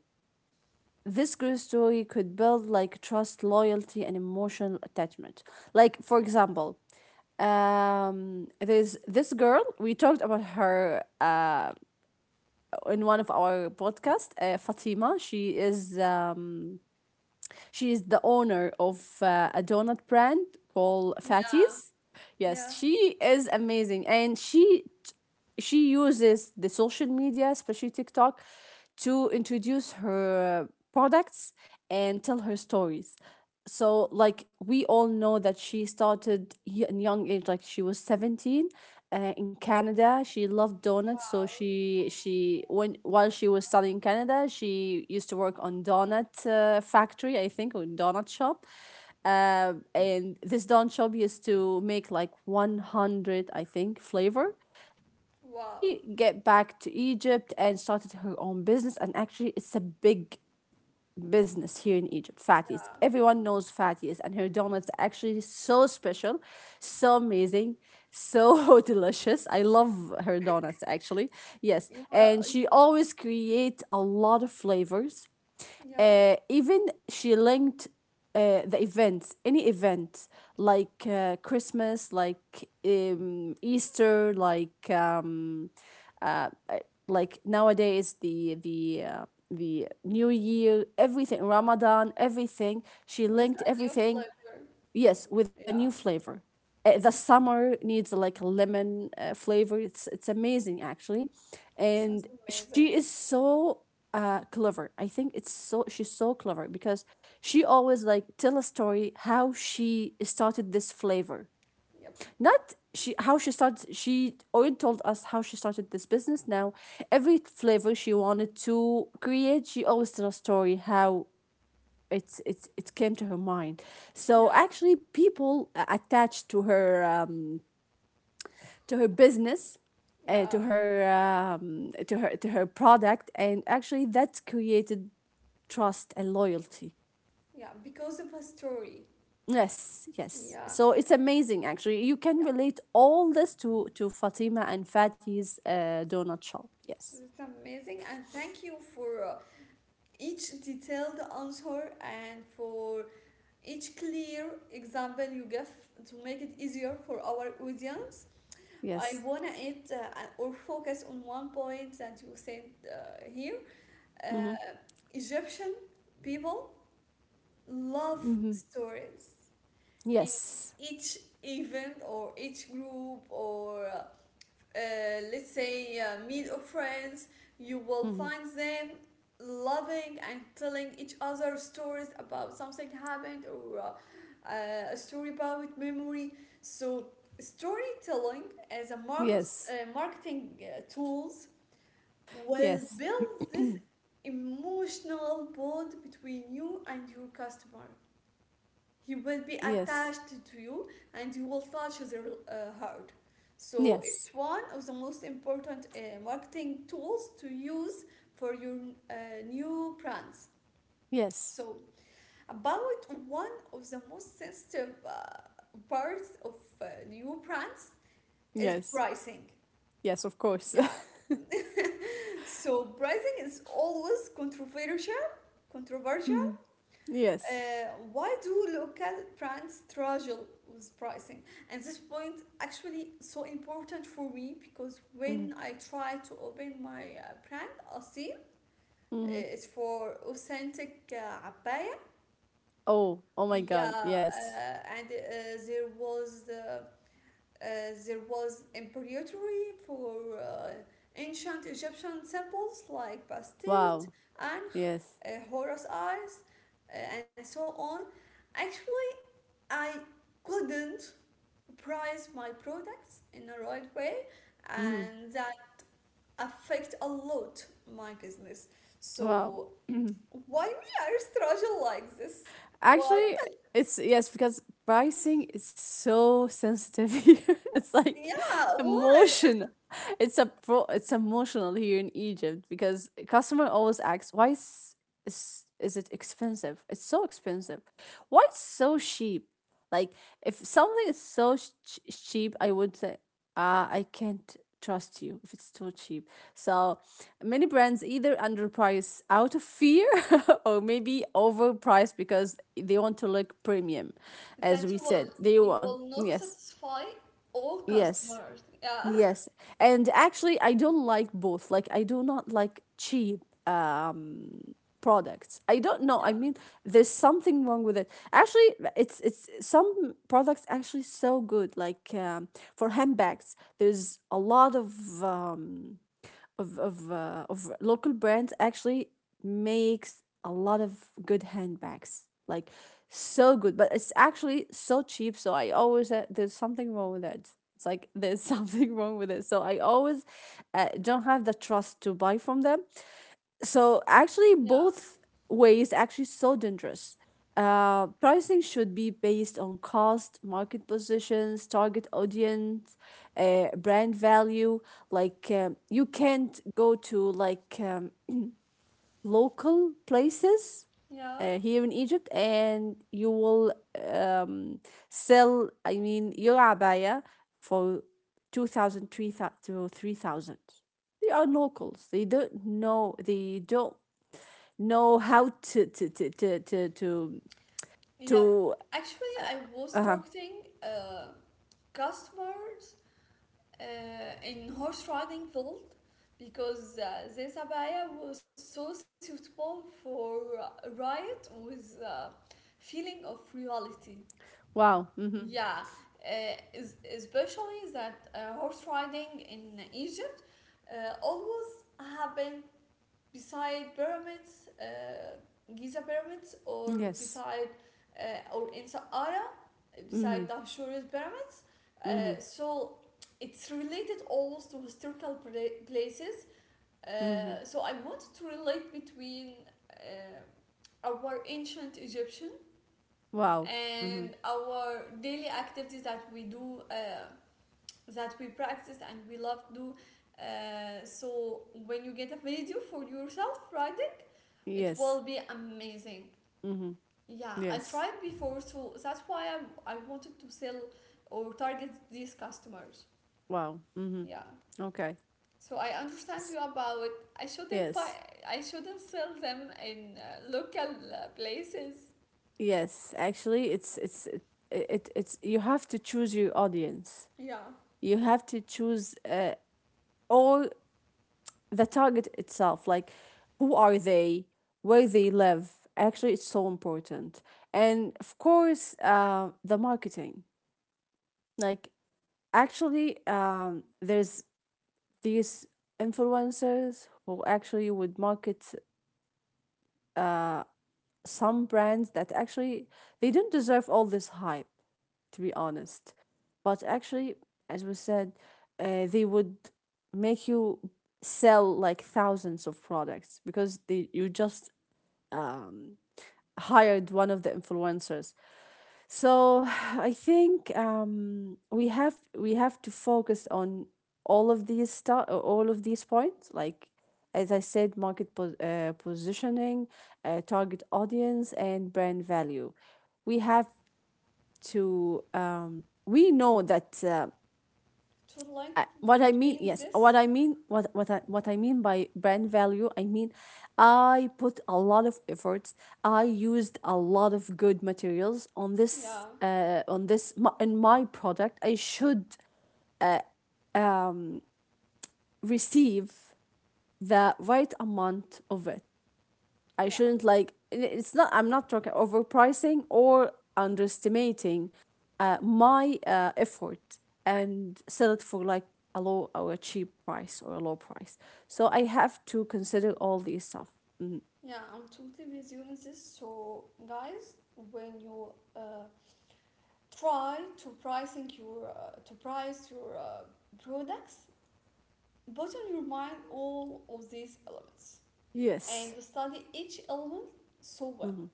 S2: this good story could build like trust, loyalty, and emotional attachment. Like,
S1: Yes.
S2: for example, there's this girl, we talked about her. In one of our podcast, Fatima. She is the owner of a donut brand called
S1: Yeah.
S2: Fatties.
S1: Yeah.
S2: Yes, she is amazing, and she uses the social media, especially TikTok, to introduce her products and tell her stories. So like we all know that she started in young age, like she was 17 in Canada. She loved donuts, so
S1: Wow.
S2: she, when while she was studying in Canada, she used to work on donut factory, I think, or donut shop. Um, and this donut shop used to make like 100, I think, flavor. She
S1: Wow.
S2: she get back to Egypt and started her own business, and actually it's a big business here in Egypt, Fatties.
S1: Yeah.
S2: Everyone knows Fatties, and her donuts are actually so special, so amazing, so delicious. I love her donuts actually. Yes,
S1: You will,
S2: and she always create a lot of flavors.
S1: yeah,
S2: Uh, even she linked the events, any event like Christmas, like Easter, uh, uh, like nowadays the New Year, everything, Ramadan, everything. She
S1: with
S2: linked
S1: a new
S2: everything
S1: flavor.
S2: Yes, with a new
S1: Yeah,
S2: flavor. The summer needs like a lemon flavor. It's amazing actually,
S1: sounds
S2: and she is
S1: amazing.
S2: so clever. I think it's so, she's so clever because she always like tell a story how she started this flavor.
S1: Yep.
S2: Not she how she started. She already told us how she started this business. Now every flavor she wanted to create, she always tell a story how it came to her mind. So
S1: Yeah,
S2: actually people attached to her, to her business, to
S1: yeah,
S2: her, to her product, and actually that created trust and loyalty.
S1: yeah, because of a story.
S2: Yes, yes,
S1: Yeah,
S2: so it's amazing. Actually you can
S1: yeah,
S2: relate all this to Fatima and Fatih's donut shop. Yes,
S1: it's amazing. And thank you for each detailed answer and for each clear example you give to make it easier for our audience.
S2: yes.
S1: I wanna it or focus on one point that you said here.
S2: Mm-hmm.
S1: Uh, Egyptian people love
S2: Mm-hmm.
S1: stories in
S2: Yes.
S1: each event or each group or let's say meet of friends. You will
S2: Mm-hmm.
S1: find them loving and telling each other stories about something happened or a story about memory. So storytelling as a
S2: Yes,
S1: marketing tools will
S2: yes,
S1: build this emotional bond between you and your customer. He will be
S2: yes,
S1: attached to you, and he will touch his heart. So
S2: yes,
S1: it's one of the most important marketing tools to use for your uh, new brands.
S2: yes.
S1: So about one of the most sensitive parts of new brands is
S2: Yes.
S1: pricing.
S2: Yes, of course.
S1: Yeah. So pricing is always controversial.
S2: Mhm. Yes.
S1: Why do local brands struggle with pricing? And this point actually so important for me, because
S2: Mhm.
S1: when I try to open my brand, Asil,
S2: Mhm.
S1: it's for authentic abaya.
S2: Oh, oh my God.
S1: Yeah,
S2: Yes.
S1: and there was embroidery for ancient Egyptian symbols like Bastet,
S2: Wow.
S1: Ankh,
S2: Yes.
S1: Horus eyes, and so on. Actually, I couldn't price my products in the right way,
S2: Mhm.
S1: and that affect a lot my business.
S2: Wow.
S1: So why we are struggle like this? Why?
S2: Actually, it's yes, because pricing is so sensitive here. It's like
S1: Yeah, why?
S2: emotion. It's emotional here in Egypt, because customer always asks, why is it expensive? It's so expensive. Why it's so cheap? Like if something is so cheap, I would say I can't trust you if it's too cheap. So many brands either underprice out of fear, or maybe overpriced because they want to look premium, as
S1: That
S2: we
S1: you will,
S2: said. They
S1: you
S2: want,
S1: will not
S2: yes,
S1: satisfy all
S2: yes,
S1: customers. Yeah,
S2: yes. And actually, I don't like both. Like, I do not like cheap Um products. I don't know. I mean,
S1: yeah,
S2: there's something wrong with it. Actually, it's some products actually so good. Like for handbags, there's a lot of local brands actually makes a lot of good handbags. Like so good, but it's actually so cheap. So I always, there's something wrong with it. It's like there's something wrong with it. So I always don't have the trust to buy from them. So actually,
S1: yeah,
S2: both ways actually so dangerous. Pricing should be based on cost, market positions, target audience, brand value. Like you can't go to like local places
S1: yeah,
S2: here in Egypt and you will um, sell. I mean, your abaya for two thousand three thousand to three thousand. They are locals. They don't know. They don't know how to to to to to to,
S1: yeah.
S2: to
S1: Actually, I was
S2: uh
S1: targeting customers in horse riding field, because this abaya was so suitable for riot with feeling of reality.
S2: wow. Mm-hmm.
S1: Yeah, uh, especially that horse riding in Egypt always happened beside pyramids, Giza pyramids, or
S2: Yes.
S1: beside or in Saqqara beside
S2: Mm-hmm.
S1: the Ahsuris pyramids.
S2: Mm-hmm.
S1: So it's related always to historical places.
S2: Mm-hmm.
S1: So I wanted to relate between uh, our ancient Egyptian
S2: Wow. Mm-hmm.
S1: and our daily activities that we do, that we practice and we love to do. So when you get a video for yourself riding, it
S2: Yes.
S1: will be amazing.
S2: Mm-hmm.
S1: Yeah, I
S2: Yes.
S1: tried before, so that's why I wanted to sell or target these customers.
S2: Wow. Mm-hmm.
S1: Yeah.
S2: Okay.
S1: So I understand
S2: S-
S1: you about, I shouldn't buy,
S2: yes,
S1: I shouldn't sell them in local places.
S2: yes, actually it's it, it it's you have to choose your audience.
S1: Yeah.
S2: You have to choose, all the target itself, like who are they, where they live. Actually, it's so important. And of course the marketing. Like actually there's these influencers who actually would market some brands that actually they don't deserve all this hype, to be honest. But actually, as we said, they would make you sell like thousands of products, because they you just um, hired one of the influencers. So I think we have to focus on all of these stuff, all of these points, like as I said, market positioning, target audience, and brand value. We have to, we know that,
S1: To like
S2: what I mean,
S1: between
S2: yes,
S1: this.
S2: what I mean by brand value, I mean, I put a lot of efforts. I used a lot of good materials on this,
S1: Yeah.
S2: in my product. I should, uh, um receive the right amount of it. I
S1: Yeah.
S2: shouldn't, like, it's not I'm not talking overpricing or underestimating my effort and sell it for like a low or a cheap price or a low price. So I have to consider all these stuff. Mhm.
S1: Yeah, I'm totally with you in this. So guys, when you try to pricing your to price your products, put on your mind all of these elements, and
S2: Yes.
S1: to study each element so well.
S2: Hmm.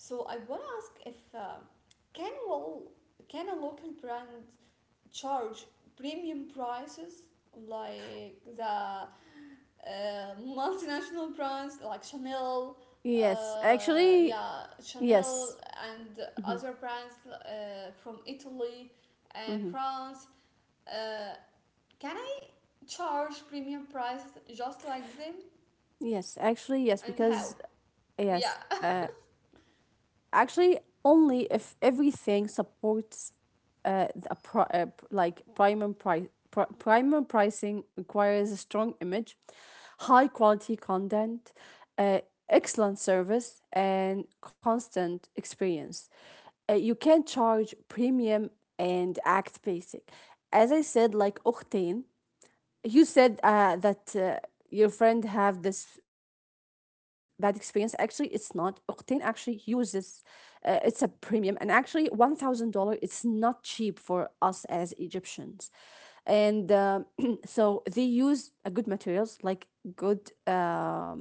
S1: So I want to ask if can well can a local brand charge premium prices like the multinational brands like Chanel,
S2: Yes. Actually,
S1: yeah Chanel
S2: yes.
S1: and
S2: Hmm.
S1: other brands from Italy and
S2: Hmm.
S1: France. Uh, can I charge premium prices just like them,
S2: Yes. Actually, yes.
S1: and how?
S2: Because,
S1: Yeah,
S2: yes. Actually, only if everything supports the like primum price. Primer pricing requires a strong image, high quality content, uh, excellent service, and constant experience. You can charge premium and act basic. As I said, like Octane, you said that your friend have this bad experience. Actually, it's not Octane actually uses, it's a premium, and actually $1000, it's not cheap for us as Egyptians. And so they use a good materials, like good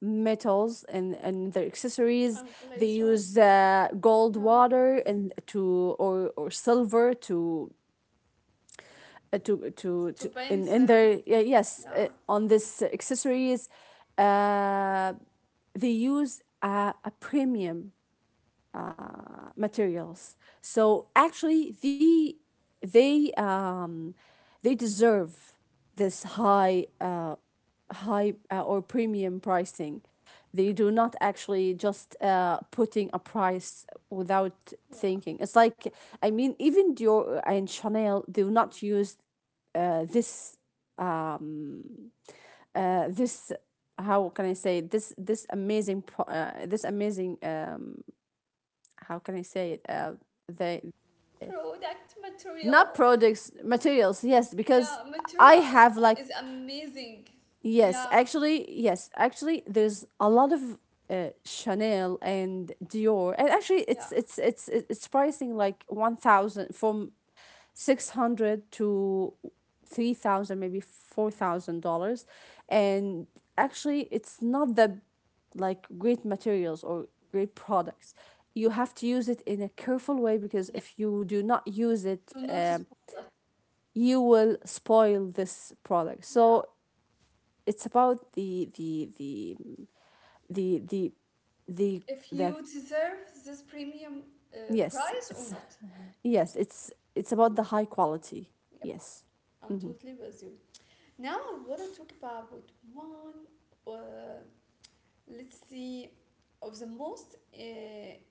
S2: metals and, their accessories.
S1: and
S2: They
S1: laser,
S2: use gold
S1: yeah,
S2: water and or silver to, uh, to to,
S1: to
S2: to
S1: paint
S2: in, in
S1: them,
S2: their, yeah, yes,
S1: yeah,
S2: on this accessories. uh, they use a premium materials. So actually, they, they deserve this high, high, or premium pricing. They do not actually just putting a price without
S1: yeah.
S2: thinking. It's like, I mean, even Dior and Chanel do not use this, this, how can I say it? This, amazing this amazing, how can I say it they,
S1: Product
S2: not
S1: material,
S2: products materials, yes. Because
S1: yeah,
S2: I
S1: material
S2: have like,
S1: is amazing,
S2: yes,
S1: yeah,
S2: actually, yes, actually, there's a lot of Chanel and Dior. And actually
S1: yeah,
S2: it's pricing like 1,000, from 600 to 3,000, maybe $4,000. And actually it's not the like great materials or great products. You have to use it in a careful way, because
S1: yeah.
S2: if you do not use it,
S1: To not spoil it,
S2: you will spoil this product.
S1: yeah.
S2: So it's about the the the,
S1: If
S2: the
S1: you deserve this premium
S2: yes
S1: price or
S2: it's
S1: not,
S2: yes, it's about the high quality.
S1: yep,
S2: Yes.
S1: I'm
S2: Mm-hmm.
S1: totally with you. Now I want to talk about one, uh, let's see, of the most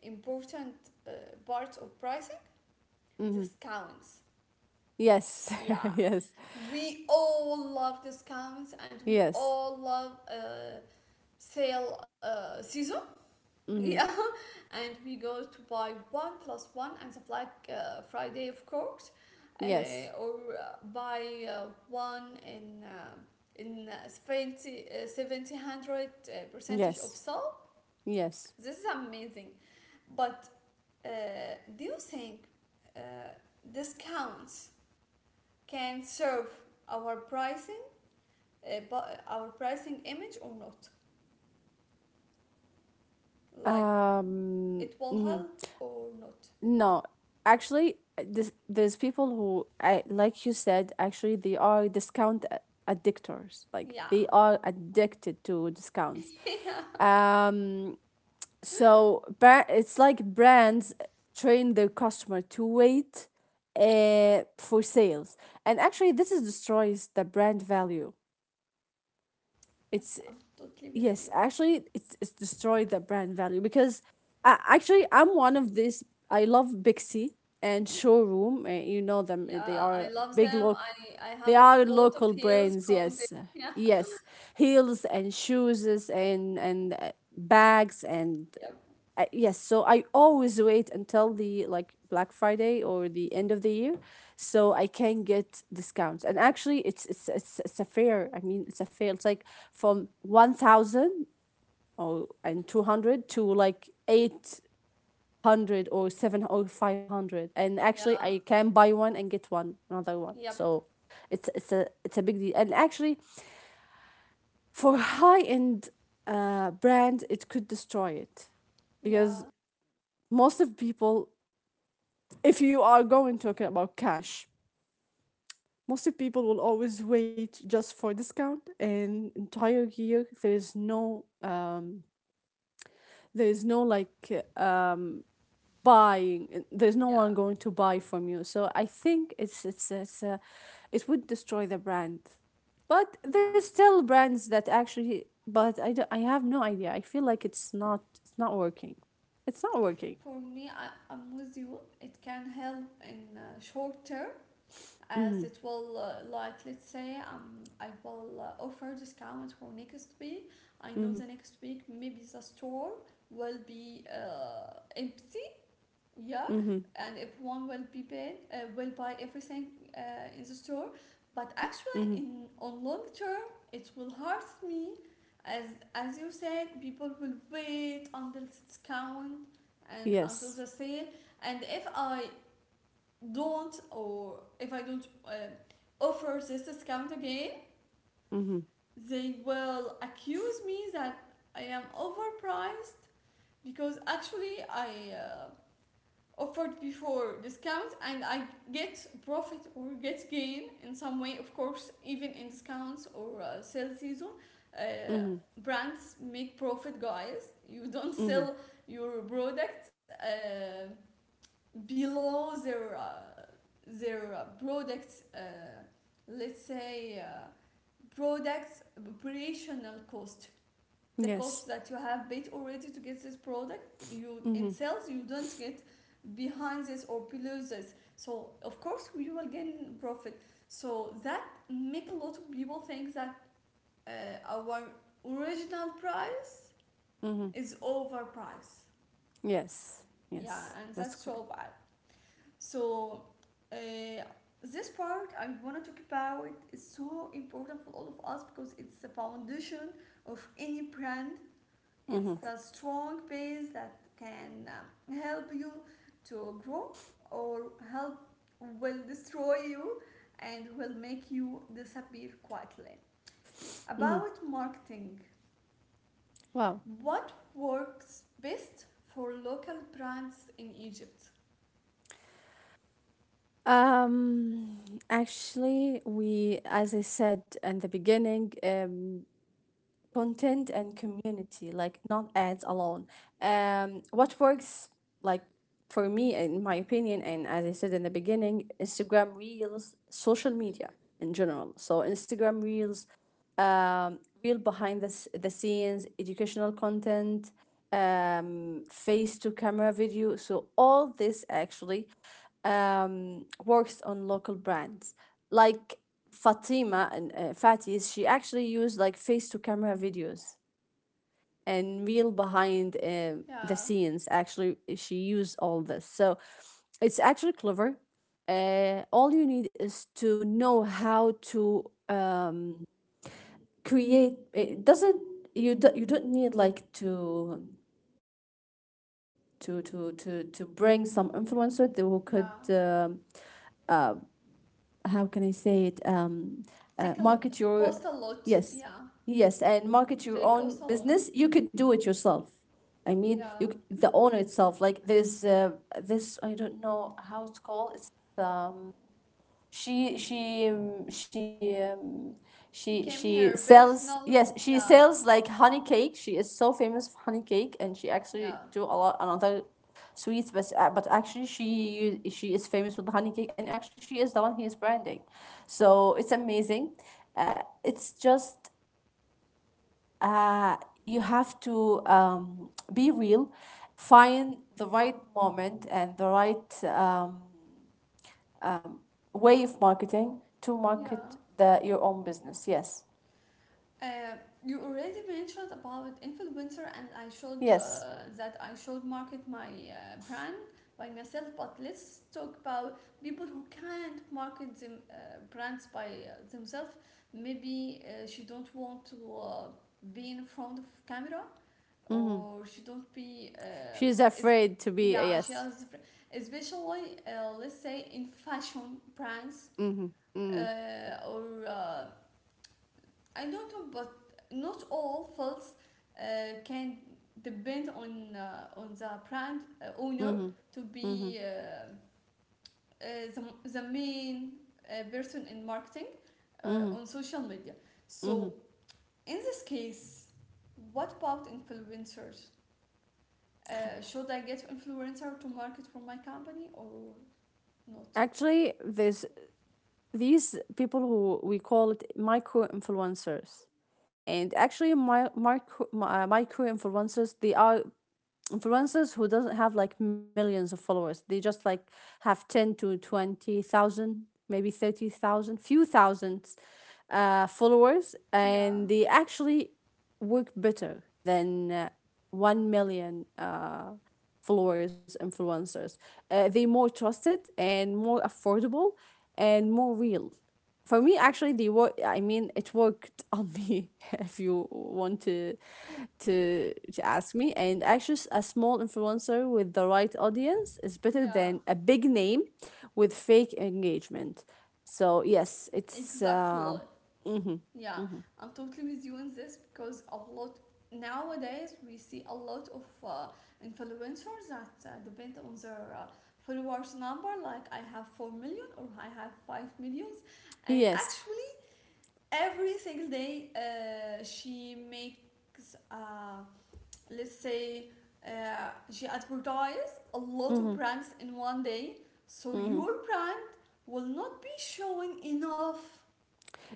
S1: important uh, part of pricing,
S2: Mm-hmm.
S1: discounts.
S2: Yes.
S1: Yeah,
S2: yes,
S1: we all love discounts and we
S2: yes.
S1: all love sale season. Yeah.
S2: Mm-hmm.
S1: And we go to buy one plus one and the black friday of course, uh,
S2: Yes,
S1: or buy one in 70 70 100 percentage of
S2: yes,
S1: sale.
S2: yes.
S1: This is amazing. But uh, do you think uh, discounts can serve our pricing our pricing image or not. Like it will
S2: Mhm.
S1: help or not.
S2: No, actually, there's people who, I, like you said, actually, they are discount addictors. Like,
S1: Yeah.
S2: they are addicted to discounts.
S1: Yeah.
S2: Um, so it's like brands train their customer to wait for sales. And actually, this is destroys the brand value.
S1: Yes,
S2: It's,
S1: I'm totally with
S2: yes,
S1: you.
S2: actually, it's destroyed the brand value, because actually I'm one of these. I love Bixie and Showroom. You know them. They
S1: Yeah, I
S2: are
S1: love
S2: big
S1: them.
S2: loc.
S1: I
S2: They
S1: have a
S2: are
S1: lot of
S2: local
S1: heals
S2: brands.
S1: from them.
S2: Yes,
S1: Yeah.
S2: yes, heels and shoes and bags and
S1: Yep.
S2: yes. So I always wait until the like Black Friday or the end of the year, so I can get discounts. And actually it's a fair. I mean, it's a fair. It's like from 1,000, or and 200, to like 800, or 7, or 500. And actually
S1: Yeah.
S2: I can buy one and get one another one,
S1: Yep.
S2: so it's a big deal. And actually, for high end brand, it could destroy it,
S1: Yeah.
S2: because most of people, if you are going talking about cash, most of people will always wait just for discount, and entire year there is no, there is no like buying, there's no one
S1: Yeah.
S2: going to buy from you. So I think it would destroy the brand. But
S1: Yeah.
S2: there's still brands that, actually, but I have no idea. I feel like it's not working. It's not
S1: For
S2: working.
S1: me, I'm with you. It can help in short term, as it will like let's say I will offer discount for next week. I know the
S2: Mhm.
S1: next week maybe the store will be empty, yeah,
S2: Mhm.
S1: and if one will be paid, will buy everything in the store. But
S2: Mhm.
S1: actually in on long term it will hurt me, as as you said people will wait until the discount and until
S2: Yes.
S1: the sale. And if I don't offer this discount again,
S2: Mhm.
S1: they will accuse me that I am overpriced, because actually I offered before discount and I get profit or get gain in some way. Of course, even in discounts or sales season, uh,
S2: Mhm.
S1: brands make profit, guys. You don't
S2: Mhm.
S1: sell your products below their their products, let's say products operational cost, the cost
S2: Yes.
S1: that you have paid already to get this product. You in
S2: Mhm.
S1: sales you don't get behind this or below this, so of course we will gain profit. So that make a lot of people think that uh, our original price
S2: Mhm.
S1: is overpriced,
S2: Yes.
S1: yeah,
S2: Yes,
S1: and
S2: that's
S1: that's so
S2: correct.
S1: bad. So uh, this part I want to talk about is so important for all of us, because it's the foundation of any brand. It's the
S2: Mhm.
S1: strong base that can help you to grow, or help will destroy you and will make you disappear quietly.
S2: Mhm.
S1: About marketing,
S2: Wow.
S1: what works best for local brands in Egypt?
S2: Um, Actually, we, as I said in the beginning, content and community, like not ads alone. What works, like for me, in my opinion, and as I said in the beginning, Instagram Reels, social media in general. So Instagram Reels, real behind the scenes, educational content, face to camera video. So all this actually works on local brands. Like Fatima and Fatis, she actually used like face to camera videos and real behind the
S1: Yeah,
S2: scenes. Actually, she used all this. So it's actually clever. All you need is to know how to create. It doesn't you don't need like to bring some influencer who could,
S1: yeah.
S2: how can I say it,
S1: take a l-
S2: market your,
S1: cost a lot.
S2: yes,
S1: Yeah,
S2: yes, and market
S1: they
S2: your
S1: cost a
S2: own
S1: lot.
S2: business. You could do it yourself. I mean,
S1: Yeah,
S2: the owner itself, like this, I don't know how it's called. It's um she,
S1: became her
S2: she sells
S1: personal.
S2: yes she
S1: Yeah,
S2: sells like honey cake. She is so famous for honey cake, and she
S1: yeah,
S2: actually do a lot another sweets. But, actually, she, she is famous with the honey cake, and actually she is the one he is branding, so it's amazing. uh, it's just, uh, you have to, be real, find the right moment and the right, way of marketing to
S1: yeah.
S2: market the your own business. Yes.
S1: Uh, you already mentioned about influencer, and I showed
S2: Yes.
S1: that I should market my brand by myself. But let's talk about people who can't market them brands by themselves. Maybe she don't want to be in front of camera, or she don't be
S2: She's
S1: is,
S2: afraid to be a,
S1: yeah she
S2: yes.
S1: has, especially let's say in fashion brands or I don't know, but not all fields can depend on the brand owner
S2: Mm-hmm.
S1: to
S2: Mm-hmm.
S1: be uh, the main person in marketing uh,
S2: Mm-hmm.
S1: on social media.
S2: Mm-hmm.
S1: So in this case, what about influencers? Should I get influencer to market for my company or not?
S2: Actually, there's these people who we call it micro influencers. And actually, my micro, micro influencers, they are influencers who doesn't have like millions of followers. They just like have 10 to 20,000, maybe 30,000, few thousands followers,
S1: Yeah,
S2: and they actually work better than 1 million followers influencers. They more trusted and more affordable and more real. For me, actually, the work, I mean, it worked on me, if you want to ask me. And actually, a small influencer with the right audience is better than
S1: yeah,
S2: a big name with fake engagement. So yes, it's,
S1: exactly.
S2: mhm.
S1: Yeah, I'm totally with you on this, because a lot nowadays we see a lot of influencers that depend on their followers number. Like I have 4 million or I have 5 millions, and
S2: Yes.
S1: actually every single day she makes. Uh, let's say she advertise a lot of
S2: Hmm.
S1: brands in one day, so your brand will not be showing enough.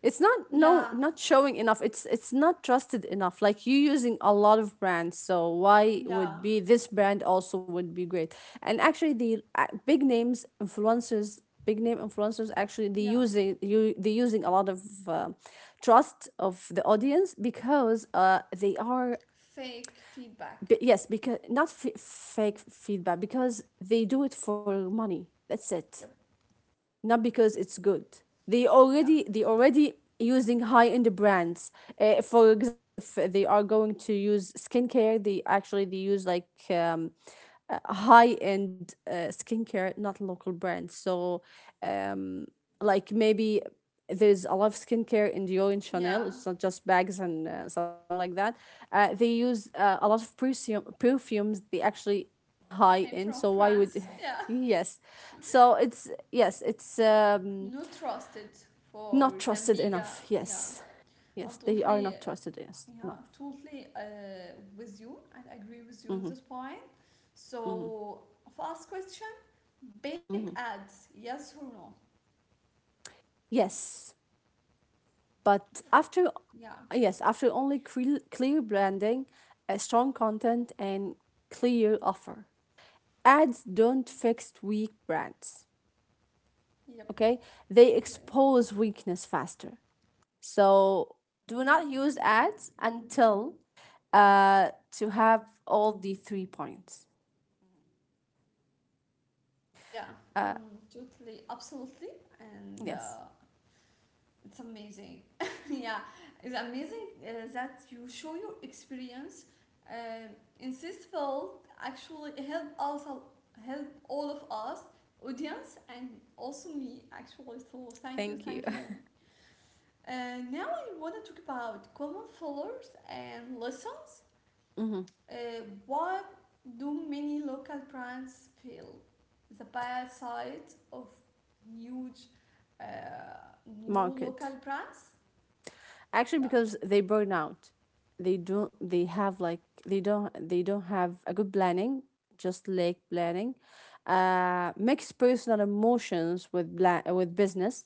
S2: it's not No,
S1: Yeah.
S2: not showing enough. It's not trusted enough, like you using a lot of brands, so why
S1: Yeah.
S2: would be this brand also would be great. And actually, the big name influencers actually,
S1: Yeah.
S2: they using a lot of, uh, trust of the audience, because they are,
S1: Fake feedback.
S2: yes, because not, fake feedback, because they do it for money, that's it.
S1: Yep.
S2: Not because it's good.
S1: Yeah.
S2: They already using high end brands. For example, if they are going to use skincare, they actually they use like, high end skincare, not local brands. So like, maybe there's a lot of skincare in Dior and Chanel.
S1: Yeah.
S2: It's not just bags and something like that. They use a lot of perfumes. They actually high
S1: Came
S2: end.
S1: from
S2: So why
S1: France.
S2: would,
S1: Yeah.
S2: yes? So it's, yes, it's,
S1: Not trusted for
S2: not
S1: the
S2: trusted
S1: mega.
S2: enough,
S1: Yeah.
S2: yes.
S1: I'm
S2: Yes, they are
S1: totally
S2: not trusted, yes,
S1: Yeah,
S2: enough.
S1: totally with you and agree with you on this point. So first question, paid ads, yes or no?
S2: Yes, but
S1: For,
S2: after,
S1: yeah,
S2: yes, after only clear branding, a strong content, and clear offer. Ads don't fix weak brands,
S1: yep,
S2: okay? They
S1: totally.
S2: expose weakness faster. So do not use ads until, to have all the three points.
S1: Yeah, totally, absolutely, and
S2: Yes.
S1: it's amazing. Yeah, it's amazing that you show your experience. Um, in this field, actually help us, help all of us, audience, and also me, actually. So thank you,
S2: Thank you.
S1: thank you. Now I want to talk about common failures and lessons. What do many local brands feel? The bad side of huge uh, new local
S2: Market.
S1: brands?
S2: Actually,
S1: Yeah,
S2: because they burn out, they don't, they don't have a good planning, just lack planning. Mix personal emotions with with business,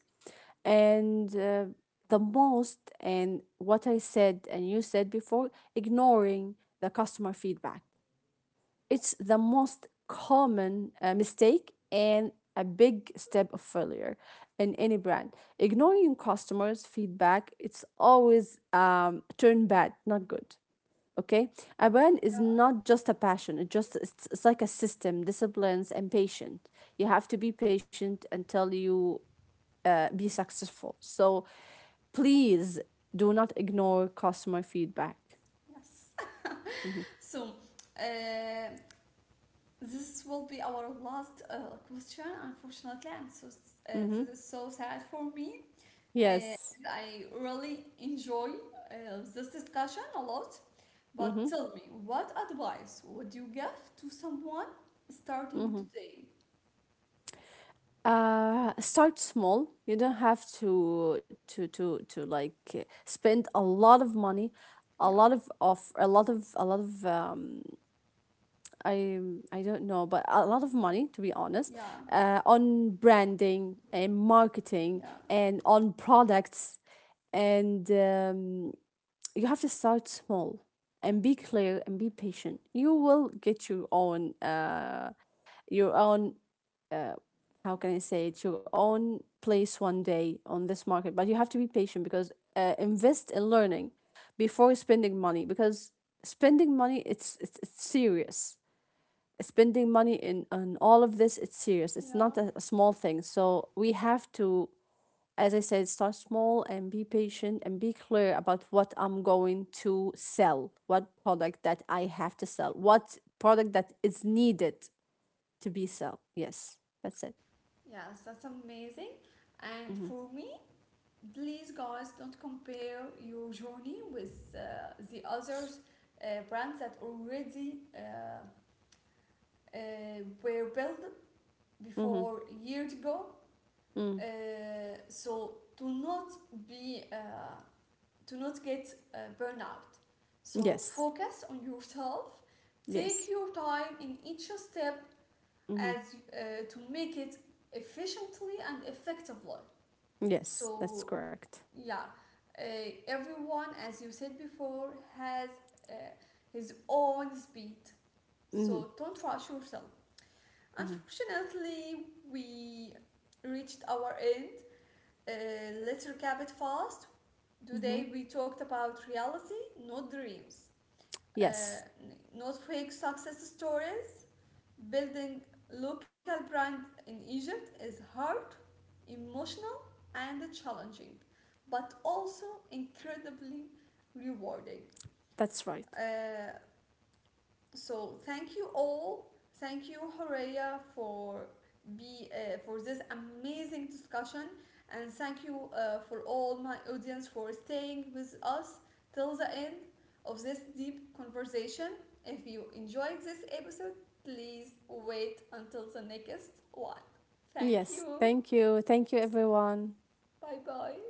S2: and the most, and what I said and you said before, ignoring the customer feedback. It's the most common mistake and a big step of failure in any brand. Ignoring customers' feedback, it's always, turn bad, not good. Okay, a brand is not just a passion. It's like a system, disciplines, and patient. You have to be patient until you be successful. So, please do not ignore customer feedback.
S1: yes. So, uh, this will be our last question, unfortunately, and so
S2: Mm-hmm.
S1: this is so sad for me. Uh,
S2: Yes.
S1: I really enjoy this discussion a lot.
S2: Mm-hmm.
S1: But tell me, what advice would you give to someone starting
S2: Mm-hmm.
S1: today?
S2: Start small. You don't have to spend a lot of money, a lot
S1: Yeah,
S2: of a lot of a lot of i I don't know, but a lot of money, to be honest,
S1: yeah,
S2: on branding and marketing
S1: yeah,
S2: and on products, and, you have to start small and be clear and be patient. You will get your own, your own, how can I say it, your own place one day on this market. But you have to be patient, because, invest in learning before spending money, because spending money it's serious. Spending money in on all of this, it's serious. It's
S1: yeah.
S2: not a small thing. So we have to, as I said, start small and be patient and be clear about what I'm going to sell, what product that I have to sell, what product that is needed to be sell. Yes, that's it.
S1: Yes, that's amazing. And for me, please guys, don't compare your journey with the others brands that already uh, were built
S2: Mm-hmm.
S1: before years ago.
S2: Mm.
S1: So to not be to not get burnout. So
S2: Yes.
S1: focus on yourself. Take
S2: Yes.
S1: your time in each step,
S2: Hmm.
S1: as to make it efficiently and effectively.
S2: Yes,
S1: So
S2: that's correct.
S1: yeah, uh, everyone, as you said before, has uh, his own speed.
S2: Hmm.
S1: So don't rush yourself.
S2: Hmm.
S1: Unfortunately, we reached our end. Let's recap it fast. Today
S2: Hmm.
S1: we talked about reality, not dreams, uh,
S2: Yes,
S1: not fake success stories. Building local brand in Egypt is hard, emotional, and challenging, but also incredibly rewarding.
S2: that's right.
S1: Uh, so thank you all. Thank you, Horeya, for be for this amazing discussion, and thank you for all my audience for staying with us till the end of this deep conversation. If you enjoyed this episode, please wait until the next one. Thank
S2: Yes.
S1: you.
S2: Thank you. Thank you, everyone.
S1: Bye bye.